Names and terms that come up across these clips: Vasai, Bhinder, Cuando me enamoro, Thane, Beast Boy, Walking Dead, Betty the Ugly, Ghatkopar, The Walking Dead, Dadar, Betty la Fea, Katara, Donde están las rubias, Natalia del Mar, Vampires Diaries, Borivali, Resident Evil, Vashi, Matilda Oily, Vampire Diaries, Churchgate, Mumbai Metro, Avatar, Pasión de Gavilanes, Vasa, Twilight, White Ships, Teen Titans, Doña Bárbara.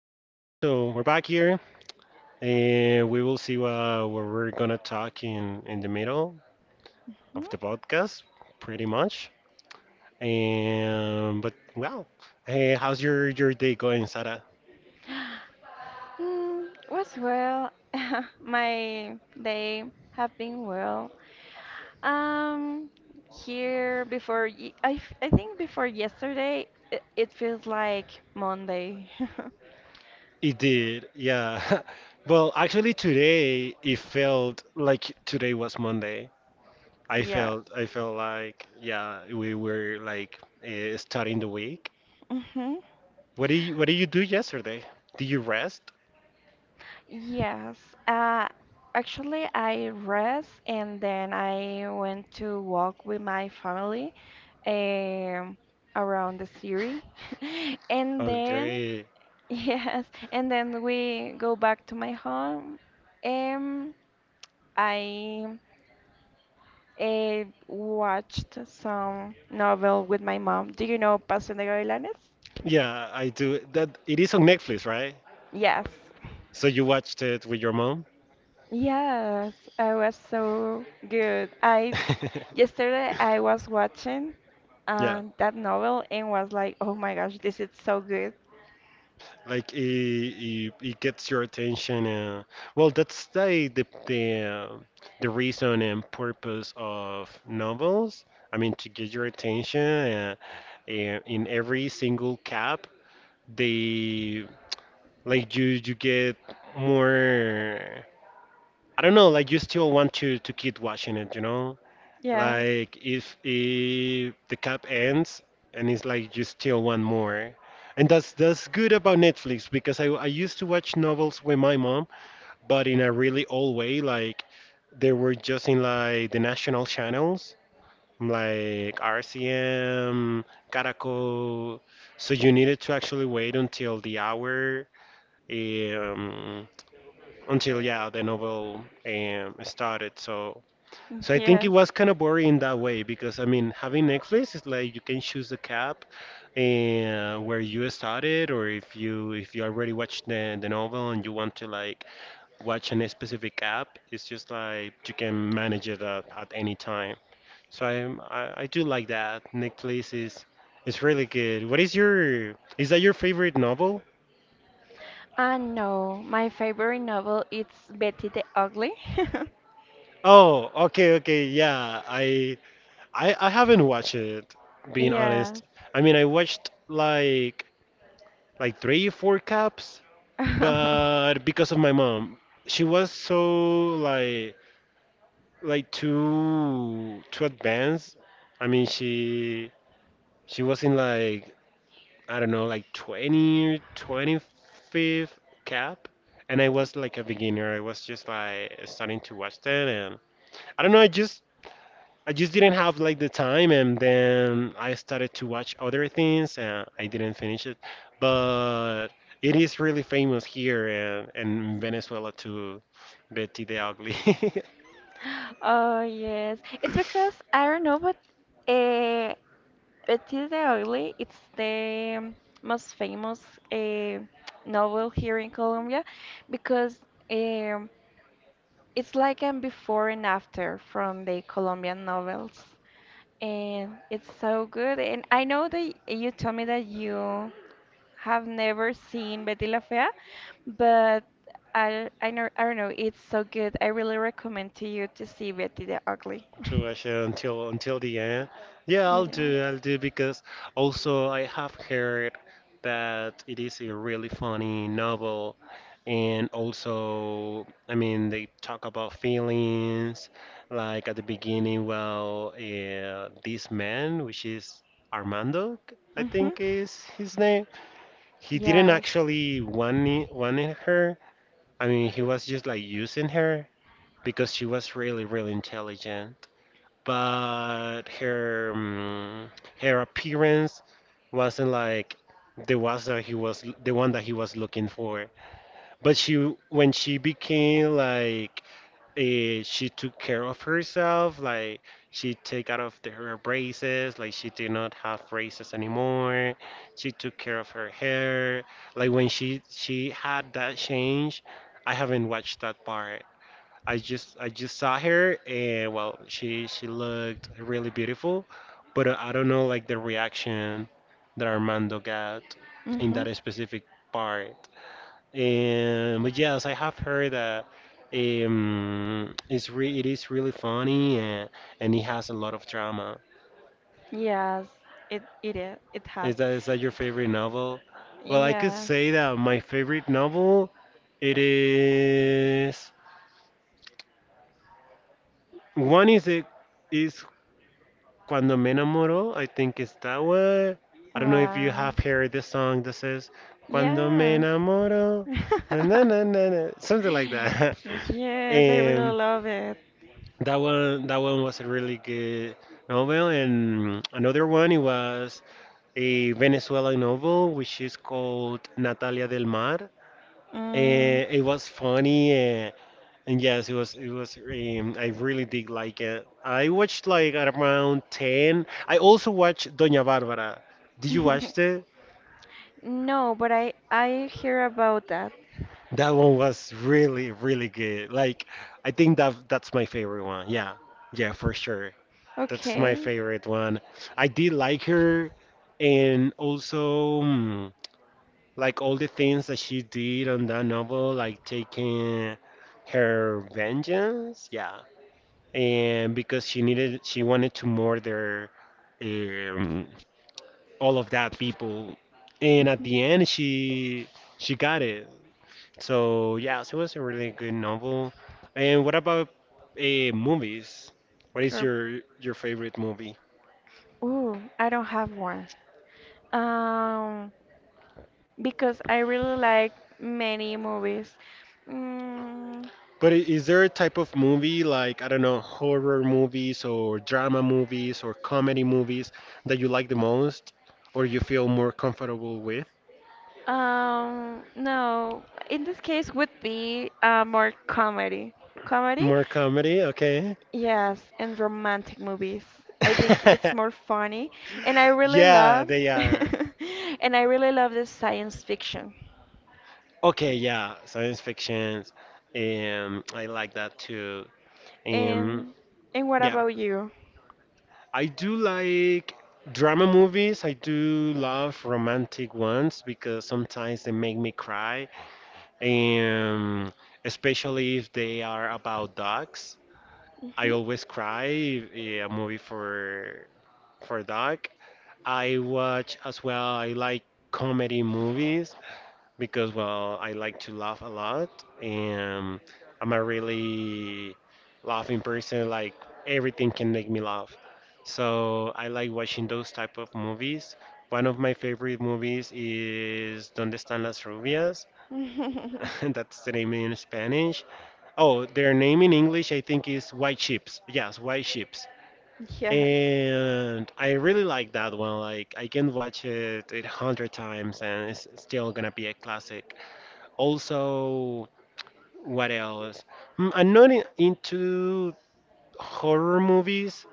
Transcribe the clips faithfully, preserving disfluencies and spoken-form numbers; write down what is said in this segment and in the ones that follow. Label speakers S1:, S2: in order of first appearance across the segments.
S1: so we're back here, and we will see what, what we're gonna talk in in the middle of the podcast, pretty much. And but well, hey, how's your your day going, Sarah?
S2: Mm, was well. My day have been well. Um, here before ye I, f- I think before yesterday, it, it feels like Monday.
S1: It did, yeah. Well, actually, today it felt like today was Monday. I
S2: Yeah.
S1: felt I felt like yeah, we were like uh, starting the week.
S2: Hmm.
S1: What did you, what did you do yesterday? Did you rest?
S2: Yes. Uh, Actually, I rest and then I went to walk with my family um, around the city. And then
S1: Okay.
S2: Yes, and then we go back to my home. Um, I uh, watched some novel with my mom. Do you know Pasión de Gavilanes?
S1: Yeah, I do. That it is on Netflix, right?
S2: Yes.
S1: So you watched it with your mom?
S2: Yes, I was so good. I Yesterday I was watching
S1: Yeah,
S2: uh, that novel and was like, "Oh my gosh, this is so good."
S1: like it, it, it gets your attention. Uh, well, that's the the the, uh, the reason and purpose of novels. I mean, to get your attention. Uh, and in every single cap, they, like you you get more. I don't know. Like you still want to to keep watching it, you know?
S2: Yes.
S1: Like if, if the cap ends and it's like you still want more. And that's that's good about Netflix because I I used to watch novels with my mom, but in a really old way, like they were just in like the national channels, like R C M, Caracol. So you needed to actually wait until the hour, um, until yeah the novel um, started. So so I think it
S2: Yes.
S1: was kind of boring in that way because I mean, having Netflix is like you can choose the cap and where you started, or if you if you already watched the, the novel and you want to like watch a specific app, it's just like you can manage it at, at any time. So I, I I do like that. Netflix is is really good. What is your, is that your favorite novel?
S2: Uh, no, my favorite novel is Betty the Ugly.
S1: Oh, okay, okay, yeah. I I I haven't watched it, being
S2: Yes.
S1: honest. I mean, I watched like like three, four cups. But because of my mom, she was so like like too too advanced. I mean, she she was in like I don't know, like twenty or twenty-fifth cap, and I was like a beginner. I was just like starting to watch that, and I don't know. I just I just didn't have like the time, and then I started to watch other things, and I didn't finish it. But it is really famous here and, and in Venezuela too, Betty the Ugly.
S2: Oh yes, it's because I don't know, but uh, Matilda Oily, it's the um, most famous uh, novel here in Colombia because um, it's like a before and after from the Colombian novels, and it's so good. And I know that you told me that you have never seen Betty La Fea, but I I, know, I don't know. It's so good. I really recommend to you to see Betty the Ugly.
S1: to Russia until until the end. Yeah, I'll
S2: Yeah.
S1: do. I'll do because also I have heard that it is a really funny novel, and also I mean they talk about feelings, like at the beginning. Well, uh, this man, which is Armando, I
S2: Mhm.
S1: think is his name. He didn't
S2: Yes.
S1: actually want it- wanted her. I mean, he was just like using her because she was really really intelligent but her mm, her appearance wasn't like the was that he was the one that he was looking for. But she when she became like eh, she took care of herself, like she take out of the, her braces, like she did not have braces anymore. She took care of her hair. Like when she she had that change, I haven't watched that part. I just I just saw her and well, she she looked really beautiful, but I don't know like the reaction that Armando got in that
S2: Mhm.
S1: specific part. And but yes, I have heard that um, it's re it is really funny and and it has a lot of drama.
S2: Yes. It it is. It has.
S1: Is that is that your favorite novel? Well, I could
S2: Yes.
S1: say that my favorite novel it is one is it is Cuando me enamoro, I think it's that one. I don't know if you
S2: Wow.
S1: have heard the song that says Cuando me
S2: Yes.
S1: enamoro, na na na na, na," something like that.
S2: Yes, I
S1: And
S2: really love it.
S1: that one, that one was a really good novel, and another one it was a Venezuelan novel which is called Natalia del Mar. And
S2: Mm.
S1: it was funny. Uh, and Yes, it was it was um, I really did like it. I watched like at around ten. I also watched Doña Bárbara. Did you watch it?
S2: No, but I I hear about that.
S1: That one was really really good. Like I think that that's my favorite one. Yeah. Yeah, for sure. That's my
S2: Okay.
S1: favorite one. I did like her and also mm, like all the things that she did on that novel like taking her vengeance. Yeah. And because she needed she wanted to murder um, all of that people and at
S2: Mhm.
S1: the end she she got it, so yeah, so it was a really good novel. And what about uh, movies? What is
S2: Or
S1: your your favorite movie?
S2: Ooh, I don't have one. Um, because I really like many movies. Mm,
S1: But i- is there a type of movie like I don't know, horror movies or drama movies or comedy movies that you like the most or you feel more comfortable with?
S2: um, no, in this case would be uh, more comedy. Comedy?
S1: More comedy, okay.
S2: Yes, and romantic movies. I think it's more funny, and I really
S1: Yeah,
S2: love,
S1: they are.
S2: and I really love the science fiction.
S1: Okay, yeah, science fictions. Um, I like that too. Um,
S2: And and what
S1: yeah,
S2: about you?
S1: I do like drama movies. I do love romantic ones because sometimes they make me cry. Um, especially if they are about dogs. I always cry if- eh, a movie for for dog. I watch as well. I like comedy movies. Because well, I like to laugh a lot, and I'm a really laughing person. Like everything can make me laugh, so I like watching those type of movies. One of my favorite movies is Donde están las rubias?
S2: Hmm.
S1: That's the name in Spanish. Oh, their name in English I think is White Ships. Yes, White Ships.
S2: Yes.
S1: And I really like that one. Like I can watch it a hundred times and it's still gonna be a classic. Also, what else? Mm, I'm not in, into horror movies,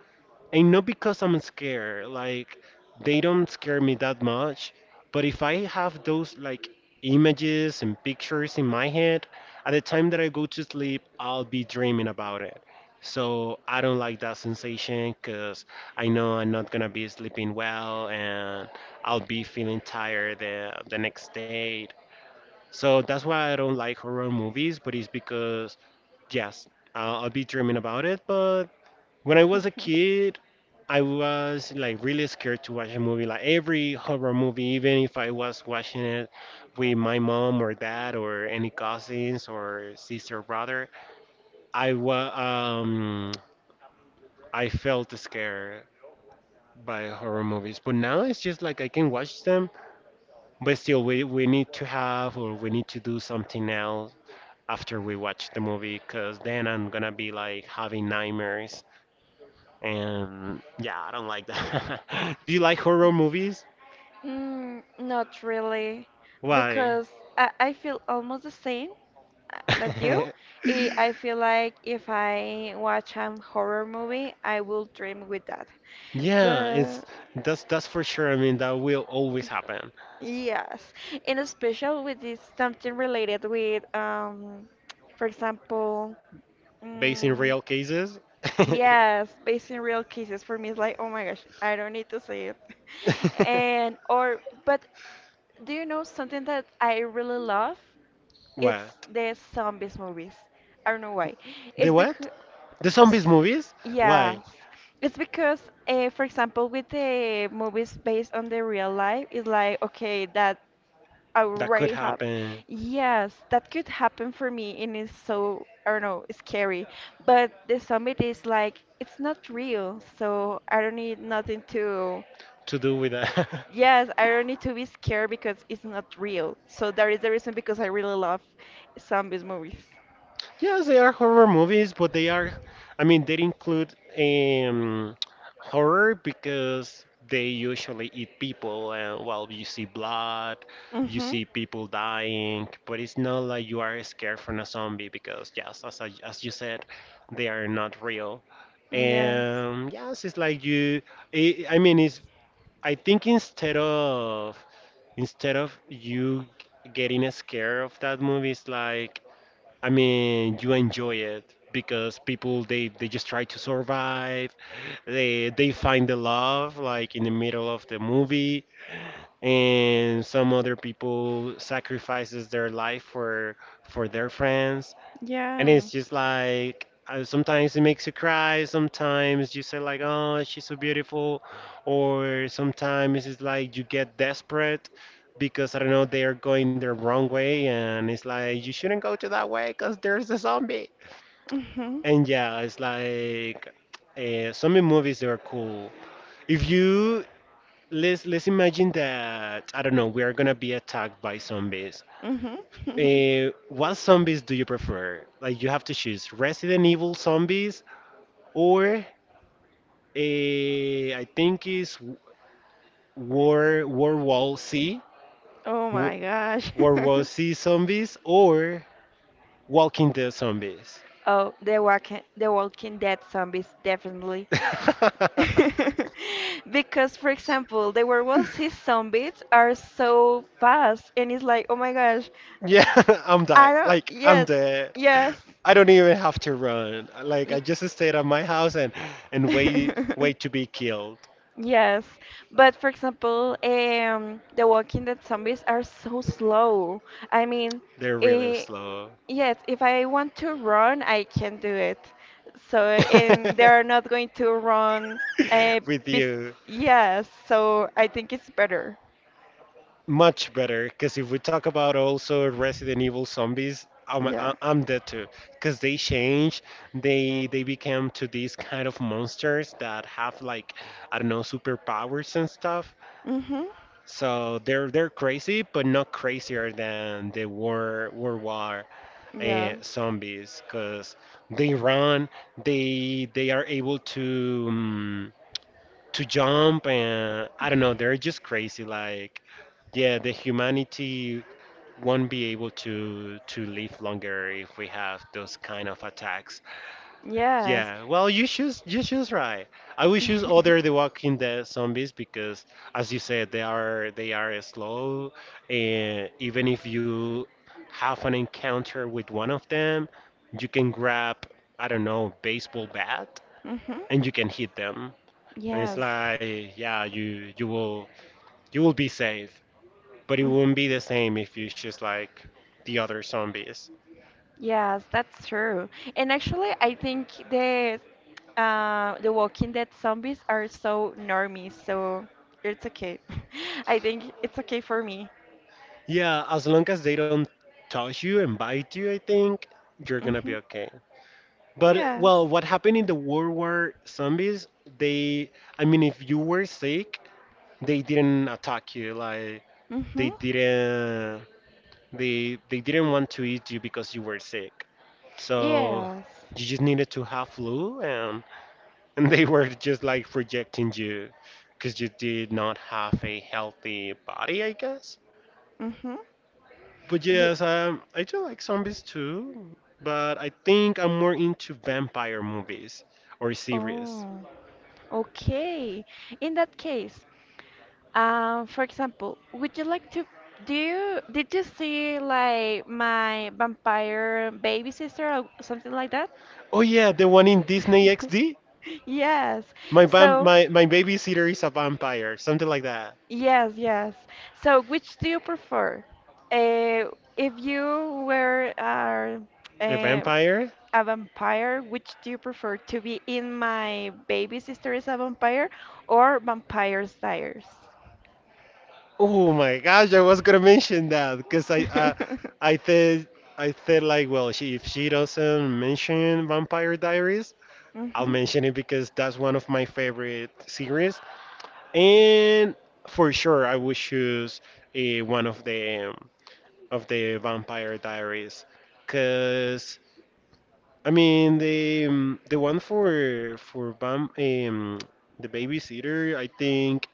S1: and not because I'm scared. Like they don't scare me that much. But if I have those like images and pictures in my head, at the time that I go to sleep, I'll be dreaming about it. So I don't like that sensation because I know I'm not gonna be sleeping well and I'll be feeling tired the, the next day. So that's why I don't like horror movies, but it's because, yes, I'll, I'll be dreaming about it. But when I was a
S2: Mhm.
S1: kid, I was like really scared to watch a movie, like every horror movie, even if I was watching it with my mom or dad or any cousins or sister or brother, I was um I felt scared by horror movies. But now it's just like I can watch them, but still we we need to have or we need to do something else after we watch the movie because then I'm gonna be like having nightmares. And yeah, I don't like that. Do you like horror movies?
S2: Mm, not really,
S1: Why?
S2: because I, I feel almost the same uh, that you. I, I feel like if I watch a horror movie, I will dream with that.
S1: Yeah,
S2: But
S1: it's that's that's for sure. I mean, that will always happen,
S2: yes, and especially with this something related with, um, for example,
S1: based in
S2: mm,
S1: real cases.
S2: yes, based in real cases. For me, it's like, oh my gosh, I don't need to see it, and or but Do you know something that I really love? It's
S1: What?
S2: the zombies movies. I don't know why.
S1: The
S2: It's
S1: what?
S2: because,
S1: The zombies movies?
S2: yes,
S1: Why?
S2: it's because, uh, for example, with the movies based on the real life, it's like okay, that
S1: That could
S2: already happened.
S1: happen
S2: Yes, that could happen for me, and it's so I don't know, scary. But the zombie is like it's not real, so I don't need nothing to.
S1: to do with that.
S2: Yes, I don't need to be scared because it's not real. So that is the reason because I really love zombies movies.
S1: Yes, they are horror movies, but they are, I mean, they include um, horror because they usually eat people, and well, you see blood, you
S2: Mhm.
S1: see people dying, but it's not like you are scared from a zombie because, yes, as, I, as you said, they are not real.
S2: Yes.
S1: And yes, it's like you, i I mean, it's, I think instead of, instead of you getting scared of that movie, it's like, I mean, you enjoy it because people they they just try to survive. They they find the love like in the middle of the movie, and some other people sacrifices their life for for their friends, and it's
S2: Yes.
S1: just like uh, sometimes it makes you cry, sometimes you say like, oh, she's so beautiful, or sometimes it's like you get desperate because I don't know, they are going the wrong way and it's like you shouldn't go to that way because there's a zombie.
S2: Mhm.
S1: And yeah, it's like uh, zombie movies, they are cool. If you, let's let's imagine that I don't know, we are gonna be attacked by zombies,
S2: Mhm.
S1: uh, what zombies do you prefer? Like you have to choose Resident Evil zombies or a I think is War World War Wall C
S2: Oh
S1: War
S2: my gosh.
S1: World War C zombies or Walking Dead zombies.
S2: Oh, the walking the Walking Dead zombies definitely. Because for example, the werewolves his zombies are so fast and it's like, oh my gosh,
S1: yeah, I'm dead.
S2: I don't
S1: Like I'm
S2: yes,
S1: dead.
S2: yes.
S1: I don't even have to run. Like I just stayed at my house and and
S2: y-
S1: wait wait to be killed.
S2: Yes, but for example, um, The Walking Dead zombies are so slow. I mean,
S1: They're really
S2: eh,
S1: slow.
S2: yes, if I want to run, I can do it. So, and they're not going to run. Uh,
S1: With
S2: bes
S1: you.
S2: Yes, so I think it's better.
S1: Much better, because if we talk about also Resident Evil zombies, I'm,
S2: Yeah.
S1: I- I'm dead too. Because they change, they they became to these kind of monsters that have like I don't know superpowers and stuff.
S2: Mhm.
S1: So they're they're crazy, but not crazier than the war World War uh,
S2: Yes.
S1: zombies, because they run, they they are able to um, to jump, and I don't know, they're just crazy. Like yeah, the humanity won't be able to to live longer if we have those kind of attacks.
S2: Yes.
S1: Yeah, well, you choose you choose right. I will choose other The Walking Dead zombies because, as you said, they are they are slow, and even if you have an encounter with one of them, you can grab, I don't know, baseball bat,
S2: Mhm.
S1: and you can hit them. And it's
S2: Yes.
S1: like, yeah, you you will you will be safe. But it
S2: Mm-hmm.
S1: wouldn't be the same if it's just like the other zombies.
S2: Yes, that's true. And actually, I think the uh, the Walking Dead zombies are so normy, so it's okay. I think it's okay for me.
S1: Yeah, as long as they don't touch you and bite you, I think you're gonna
S2: Mm-hmm.
S1: be okay. But
S2: Yes.
S1: well, what happened in the World War Zombies? They, I mean, if you were sick, they didn't attack you. Like they
S2: Mm-hmm.
S1: didn't, they they didn't want to eat you because you were sick. So
S2: Yes.
S1: you just needed to have flu and and they were just like rejecting you because you did not have a healthy body, I guess.
S2: Mm-hmm.
S1: But
S2: Yeah.
S1: yes, um, I do like zombies too, but I think I'm more into vampire movies or series.
S2: Oh, okay. In that case, uh, for example, would you like to do you did you see like my vampire baby sister or something like that?
S1: Oh yeah, the one in Disney X D.
S2: Yes.
S1: My vam-
S2: So,
S1: my my babysitter is a vampire, something like that.
S2: yes, yes. So, which do you prefer? Uh, if you were uh,
S1: A
S2: uh,
S1: vampire?
S2: a vampire, which do you prefer to be in my baby sister is a vampire or Vampires Diaries?
S1: Oh my gosh, I was gonna mention that because I uh, I said, I said like, well, she, if she doesn't mention Vampire Diaries, I'll
S2: Mm-hmm.
S1: mention it because that's one of my favorite series, and for sure I would choose uh, one of the um, of the Vampire Diaries, cause I mean the um, the one for for Vam um, the babysitter, I think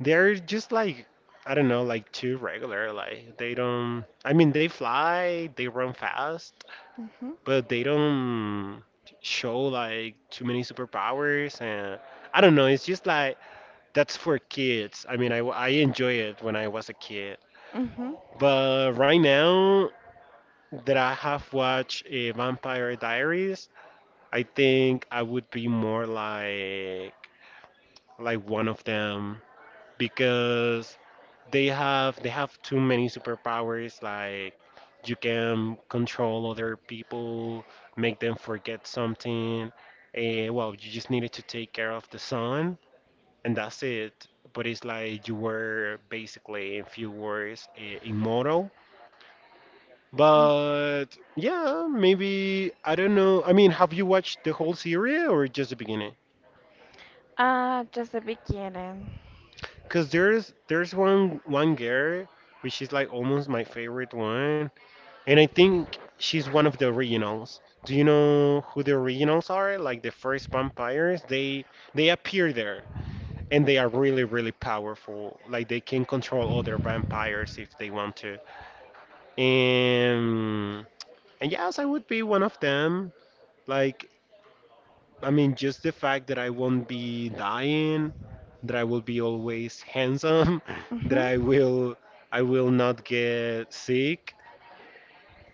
S1: they're just like, I don't know, like too regular, like they don't, I mean they fly, they run fast,
S2: Mm-hmm.
S1: but they don't show like too many superpowers, and I don't know, it's just like that's for kids. I mean, I, I enjoy it when I was a kid.
S2: Mm-hmm.
S1: But right now that I have watched uh, Vampire Diaries, I think I would be more like like one of them, because they have they have too many superpowers. Like you can control other people, make them forget something, eh, well, you just needed to take care of the sun and that's it. But it's like you were basically, in few words, eh, immortal. But yeah, maybe, I don't know, I mean, have you watched the whole series or just the beginning?
S2: Ah, just the beginning.
S1: Because there's there's one one girl which is like almost my favorite one. And I think she's one of the originals. Do you know who the originals are? Like the first vampires, they they appear there, and they are really, really powerful. Like they can control other vampires if they want to. And and yes, I would be one of them. Like, I mean, just the fact that I won't be dying, that I will be always handsome, that
S2: Mm-hmm.
S1: I will I will not get sick.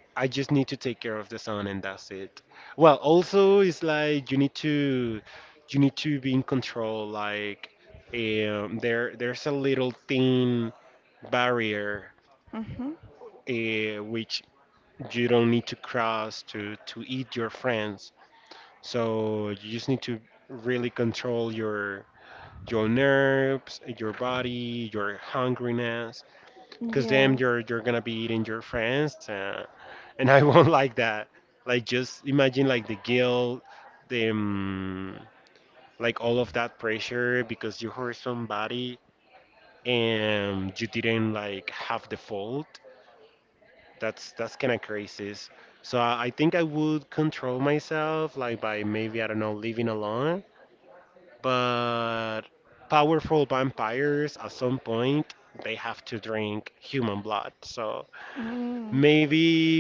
S1: I just need to take care of the son and that's it. Well, also it's like you need to you need to be in control. Like um, there there's a little thin barrier,
S2: Mm-hmm.
S1: uh, which you don't need to cross to to eat your friends. So you just need to really control your your nerves, your body, your hungriness, because then
S2: Yes.
S1: you're you're gonna be eating your friends. Uh, and I won't like that. Like just imagine like the guilt, the um, like all of that pressure, because you hurt somebody and you didn't like have the fault. That's that's kind of crazy. So I, I think I would control myself like by maybe, I don't know, living alone, but powerful vampires at some point they have to drink human blood. So
S2: Mm.
S1: maybe,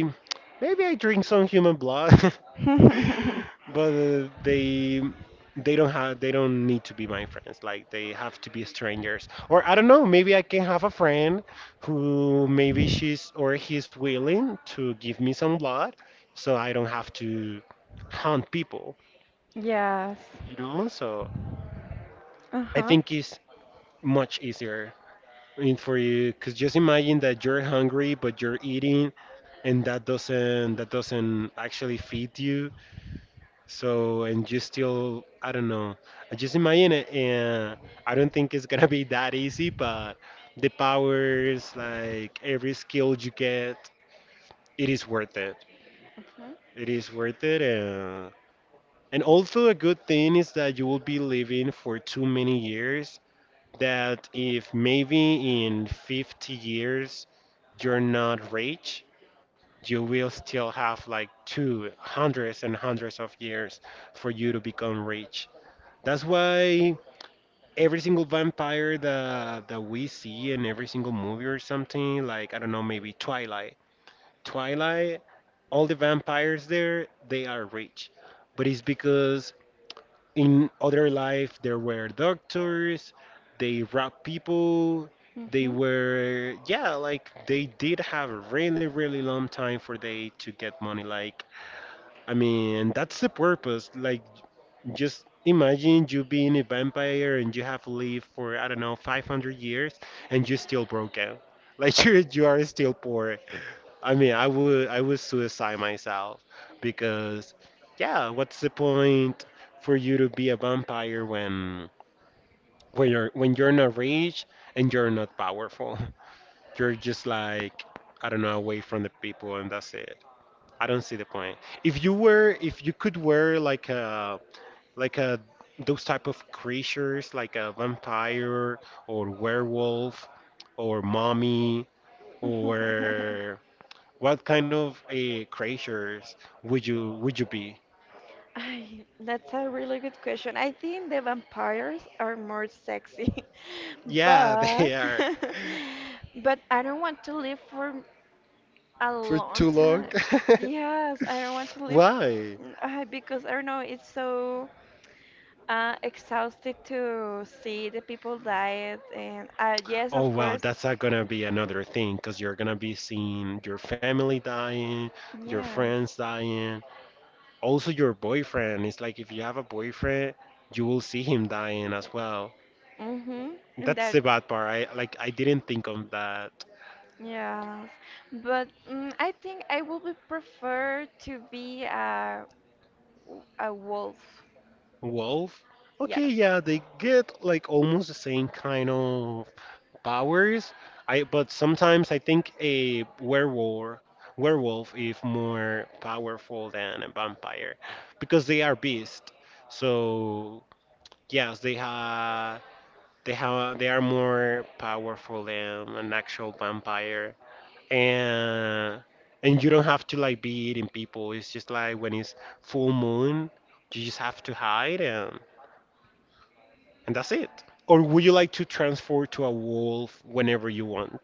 S1: maybe I drink some human blood, but uh, they they don't have they don't need to be my friends. Like they have to be strangers, or I don't know, maybe I can have a friend who maybe she's or he's willing to give me some blood, so I don't have to hunt people,
S2: Yes.
S1: you know. So I think
S2: Uh-huh.
S1: it's much easier, in- for you, because just imagine that you're hungry but you're eating, and that doesn't that doesn't actually feed you. So, and you still, I don't know. I just imagine it, and I don't think it's gonna be that easy, but the powers, like every skill you get, it is worth it.
S2: Uh-huh.
S1: It is worth it. And, and also, a good thing is that you will be living for too many years, that if maybe in fifty years you're not rich, you will still have like two hundreds and hundreds of years for you to become rich. That's why every single vampire that that we see in every single movie or something, like I don't know, maybe Twilight. Twilight, all the vampires there, they are rich. But it's because in other life there were doctors, they robbed people, they
S2: Mm-hmm.
S1: were, yeah, like they did have a really, really long time for they to get money. Like, I mean, that's the purpose. Like just imagine you being a vampire and you have lived for, I don't know, five hundred years and you're still broken. Like you you are still poor. I mean, I would I would suicide myself because, yeah, what's the point for you to be a vampire when when you're when you're not rich and you're not powerful? You're just like, I don't know, away from the people and that's it. I don't see the point. If you were, if you could wear like a like uh, those type of creatures, like a vampire or werewolf or mommy or what kind of uh, creatures would you would you be?
S2: Ay, that's a really good question. I think the vampires are more sexy,
S1: Yeah,
S2: but
S1: they are
S2: but I don't want to live for a
S1: for
S2: long
S1: too long.
S2: time. Yes, I don't want to live
S1: Why?
S2: uh, because I don't know. It's so. Uh, exhausted to see the people died, and uh, yes,
S1: Oh
S2: of
S1: wow,
S2: course,
S1: that's not gonna be another thing, because you're gonna be seeing your family dying, your
S2: yes.
S1: friends dying. Also, your boyfriend. It's like if you have a boyfriend, you will see him dying as well.
S2: Mhm. And
S1: That's
S2: that,
S1: the bad part. I like I didn't think of that.
S2: yes. But mm, I think I would be prefer to be a a wolf.
S1: Wolf. Okay,
S2: Yes.
S1: yeah, they get like almost the same kind of powers. I, but sometimes I think a werewolf werewolf is more powerful than a vampire because they are beast. So yes, they have they have they are more powerful than an actual vampire. and and you don't have to like be eating people. It's just like when it's full moon, you just have to hide and and that's it. Or would you like to transform to a wolf whenever you want?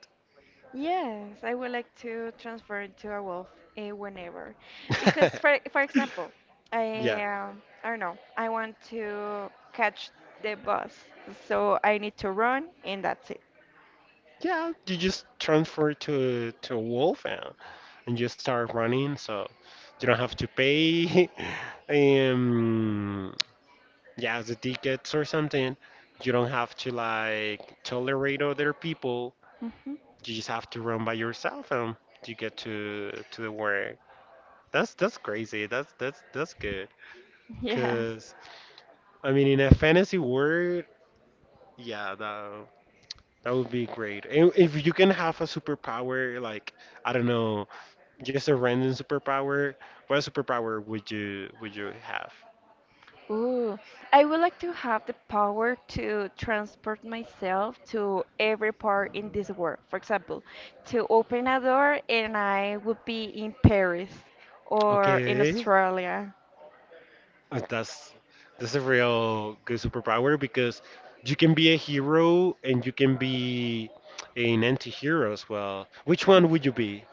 S2: Yes, I would like to transfer into a wolf uh, whenever, because for for example,
S1: Yeah.
S2: I um, I don't know, I want to catch the bus, so I need to run, and that's it.
S1: Yeah, you just transfer to to a wolf and, and just start running, so you don't have to pay um yeah, the tickets or something. You don't have to like tolerate other people.
S2: Hmm.
S1: You just have to run by yourself and you get to to the work. That's that's crazy. That's that's that's good.
S2: Yes.
S1: Cause I mean, in a fantasy world, yeah, that that would be great. And if you can have a superpower, like I don't know, just a random superpower, what superpower would you would you have?
S2: Ooh, I would like to have the power to transport myself to every part in this world. For example, to open a door and I would be in Paris or in
S1: Okay.
S2: Australia.
S1: Uh, That's that's a real good superpower, because you can be a hero and you can be an anti-hero as well. Which one would you be?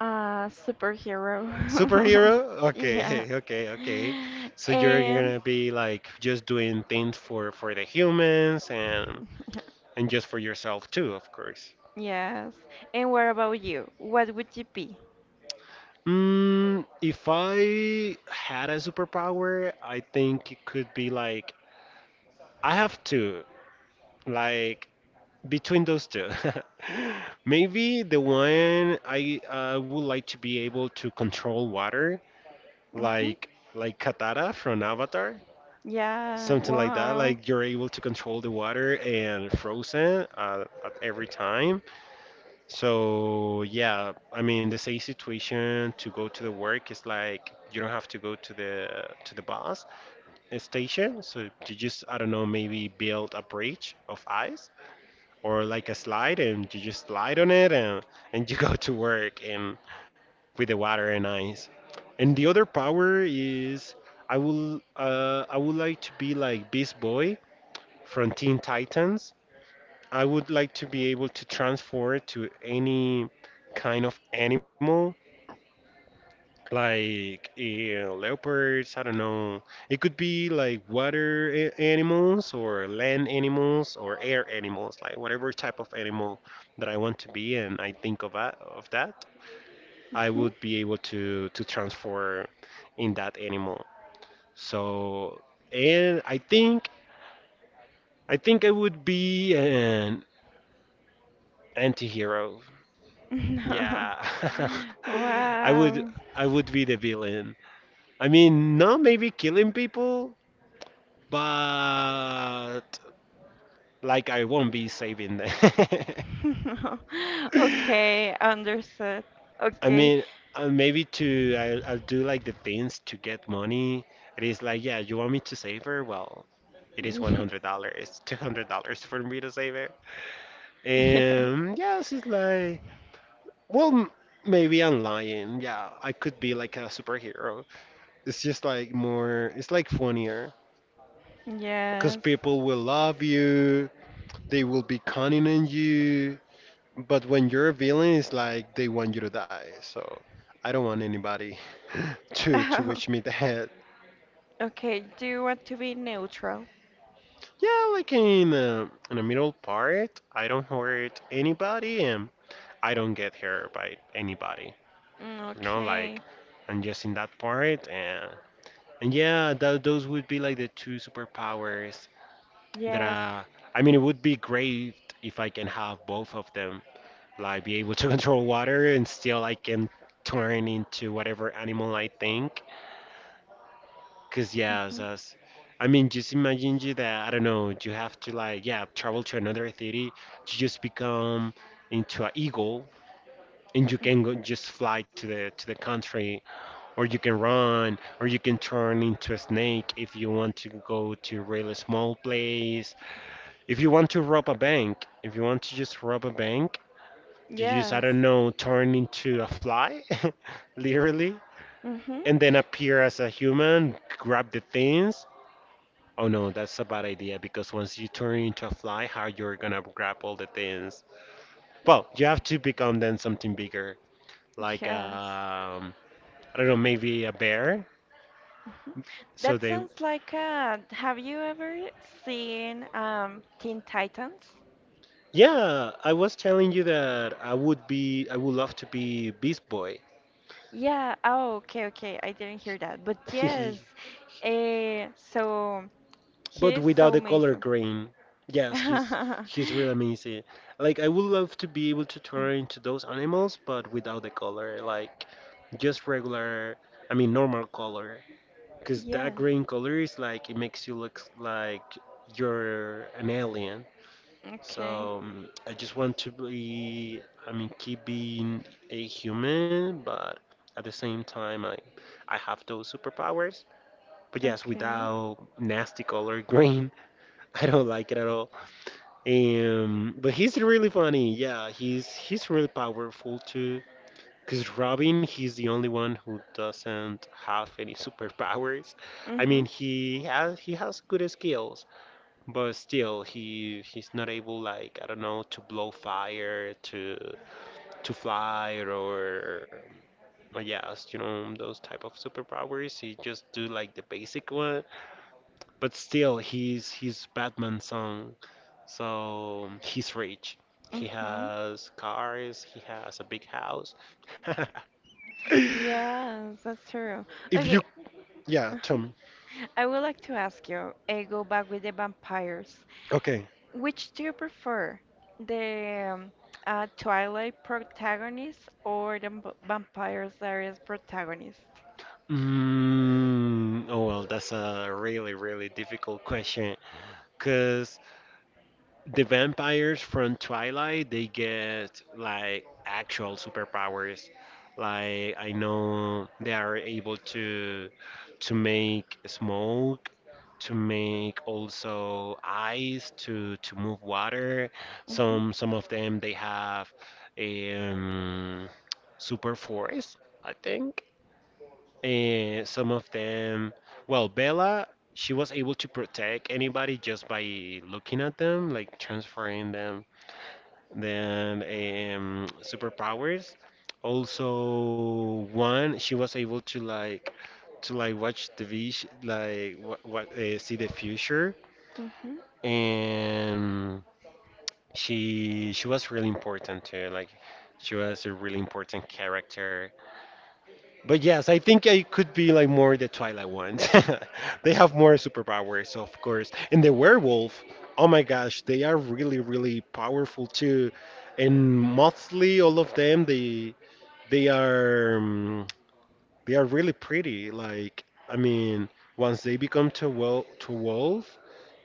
S2: A superhero.
S1: Superhero?
S2: Yeah.
S1: Okay, okay, okay. So you're
S2: And
S1: gonna be like just doing things for for the humans, and and just for yourself too, of course.
S2: yes. And what about you? What would you be?
S1: Mm, if I had a superpower, I think it could be like I have two. Like between those two, maybe the one, i i would like to be able to control water,
S2: Hmm.
S1: like like Katara from Avatar,
S2: Yeah.
S1: something like that,
S2: Wow.
S1: like you're able to control the water and frozen uh, at every time. So yeah, I mean, the same situation to go to the work, is like you don't have to go to the to the bus station. So you just, I don't know, maybe build a bridge of ice or like a slide, and you just slide on it, and and you go to work and with the water and ice. And the other power is I will uh, I would like to be like Beast Boy from Teen Titans. I would like to be able to transform to any kind of animal, like uh, leopards, I don't know. It could be like water, a- animals, or land animals, or air animals, like whatever type of animal that I want to be and I think of that, of that, I would be able to to transform in that animal. So, and I think I think I would be an anti-hero.
S2: No.
S1: Yeah. I would
S2: Wow.
S1: I would be the villain. I mean, not maybe killing people, but like I won't be saving them.
S2: Okay, understood.
S1: I
S2: Okay.
S1: mean, uh, maybe to I'll, I'll do like the things to get money. It is like, yeah, you want me to save her? Well, it is one
S2: Ye-
S1: hundred dollars, two hundred dollars for me to save her.
S2: Yes.
S1: And yes, it's like, well, m- maybe I'm lying. Yeah, I could be like a superhero. It's just like more, it's like funnier, because
S2: Yes.
S1: people will love you. They will be cunning on you. But when you're a villain, it's like they want you to die. So I don't want anybody to to wish me that.
S2: Okay, do you want to be neutral?
S1: Yeah, like in uh, in the middle part, I don't hurt anybody, and I don't get hurt by anybody.
S2: Mm,
S1: You know, like
S2: okay.
S1: I'm just in that part, and and yeah, tho- those would be like the two superpowers that
S2: Yes.
S1: uh, I mean, it would be great if I can have both of them. Like be able to control water and still I can turn into whatever animal I think. Cause yeah,
S2: Hmm.
S1: that's I mean, just imagine, you, that I don't know, you have to like, yeah, travel to another city to just become into an eagle. And you can go just fly to the to the country, or you can run, or you can turn into a snake if you want to go to a really small place. If you want to rob a bank, If you want to just rob a bank, you just, I
S2: Yes.
S1: don't know, turn into a fly, literally,
S2: Hmm.
S1: and then appear as a human, grab the things. Oh no, that's a bad idea because once you turn into a fly, how you're gonna grab all the things? Well, you have to become then something bigger, like
S2: Yes. Mhm.
S1: um, I don't know, maybe a bear. So
S2: That
S1: they,
S2: sounds like uh, have you ever seen um Teen Titans?
S1: yeah, I was telling you that I would be, I would love to be Beast Boy.
S2: Yeah, oh, okay, okay. I didn't hear that. But yes, eh, so he
S1: But
S2: is
S1: without
S2: so
S1: the color
S2: amazing.
S1: green. Yes, he's he's real amazing. Like I would love to be able to turn into those animals, but without the color, like just regular, I mean normal color. Cause
S2: Yeah,
S1: that green color is like it makes you look like you're an alien.
S2: okay,
S1: So um, I just want to be, I mean, keep being a human, but at the same time, I I have those superpowers. But yes,
S2: okay.
S1: without nasty color green. I don't like it at all. Um, but he's really funny. Yeah, he's he's really powerful too. Cause Robin, he's the only one who doesn't have any superpowers. I
S2: Mm-hmm,
S1: mean, he has he has good skills, but still, he he's not able like, I don't know, to blow fire, to to fly, or, or yes, you know those type of superpowers. He just do like the basic one, but still, he's he's Batman's son, so he's rich. He
S2: mm-hmm.
S1: has cars. He has a big house.
S2: Yes, that's true.
S1: If
S2: Okay,
S1: you, yeah,
S2: uh-huh.
S1: tell me.
S2: I would like to ask you, eh, go back with the vampires.
S1: Okay.
S2: Which do you prefer? The um, uh, Twilight protagonist or the v- vampires that is protagonist?
S1: Mm, oh well, that's a really really difficult question. Cause the vampires from Twilight, they get like actual superpowers. Like I know they are able to to make smoke, to make also ice, to to move water.
S2: Mm-hmm,
S1: Some some of them they have a um super force, I think. And some of them, well, Bella, she was able to protect anybody just by looking at them, like transferring them. Then um, superpowers. Also, one, she was able to like to like watch the vis like what, what uh, see the future,
S2: mm-hmm.
S1: and she she was really important too. Like she was a really important character. But yes, I think I could be like more the Twilight ones. They have more superpowers, of course. And the werewolf, oh my gosh, they are really, really powerful too. And mostly all of them, they they are um, they are really pretty. Like I mean, once they become to wel to wolf,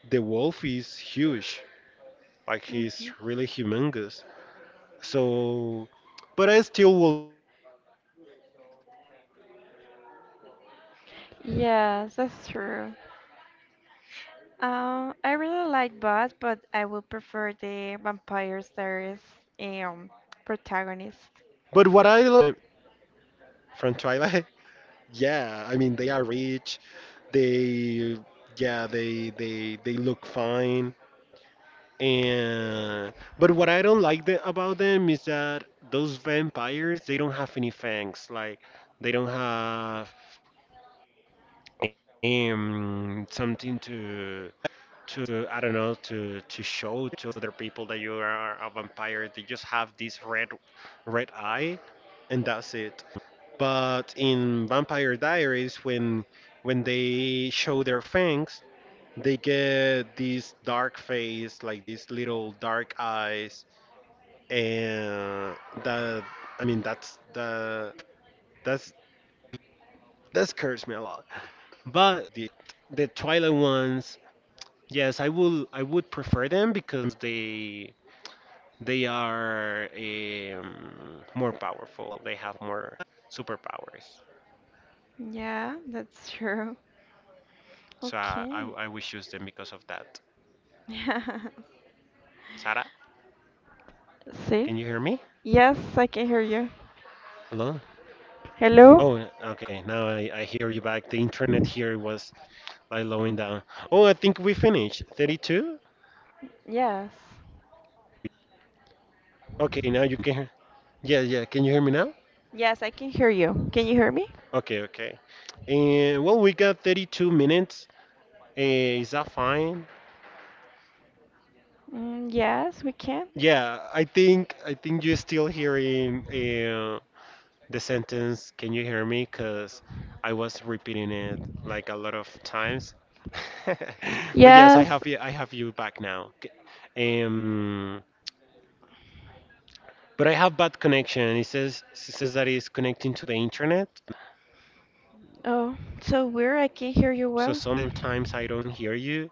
S1: the wolf is huge. Like he's
S2: Mhm.
S1: really humongous. So, but I still will be a
S2: Yes,
S1: vampire.
S2: that's true. Um, I really like both, but I would prefer the vampire series um
S1: But
S2: protagonist.
S1: what I lo- uh, what I don't like about them is their fangs. They don't they don't have fangs. I from Twilight. Yeah, I mean they are rich. They Yeah, they they they look fine. And but what I don't like, the, about them is that those vampires they don't have any fangs. Like they don't have um, something to to I don't know to to show to other people that you are a vampire. They just have this red red eye, and that's it. But in Vampire Diaries, when when they show their fangs, they get this dark face, like these little dark eyes, and that I mean that's the that's that scares me a lot. But the Twilight ones, yes, I will. I would prefer them because they they are um, more powerful. They have more superpowers.
S2: Yeah, that's true.
S1: So I, I
S2: Okay.
S1: I would choose them because of that. Sarah,
S2: See?
S1: can you hear me?
S2: Yes, I can hear you.
S1: Hello.
S2: Hello?
S1: Oh, okay. Now I, I hear you back. The internet here was like slowing down. Oh, I think we finished. thirty-two?
S2: Yes.
S1: Okay, now you can hear. Yeah, yeah. Can you hear me now?
S2: Yes, I can hear you. Can you hear me?
S1: Okay, okay. And well, we got thirty-two minutes. Eh, is that fine?
S2: Mm, yes, we can.
S1: Yeah, I think I think you're still hearing uh, the sentence, "Can you hear me?" Because I was repeating it like a lot of times. But yes, I
S2: Yes.
S1: have you. I have you back now. K- Um, but I have bad connection. It says it says that it's connecting to the internet,
S2: Oh, so weird. I can hear you
S1: so
S2: well.
S1: sometimes I don't hear you.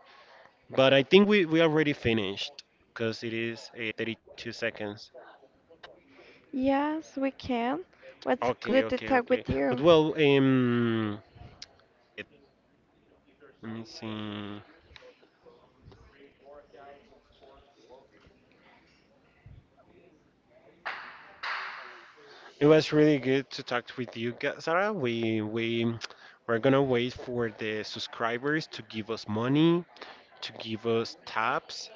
S1: But I think we we already finished because it is uh, thirty-two seconds.
S2: Yes, we can. What's
S1: Okay,
S2: good to
S1: okay,
S2: talk
S1: okay.
S2: with
S1: But
S2: you?
S1: well, um, let me see. It was really good to talk with you, Ga- Sarah. We we we're gonna wait for the subscribers to give us money, to give us tabs,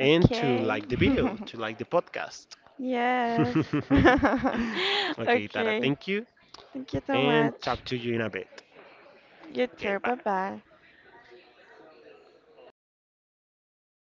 S1: and to
S2: Okay.
S1: like the video, to like the podcast.
S2: Yes.
S1: Okay, Tara,
S2: Okay.
S1: thank you,
S2: Thank you so
S1: and talk
S2: much.
S1: to you in a bit.
S2: You
S1: Okay,
S2: too. Bye
S1: bye.
S2: bye.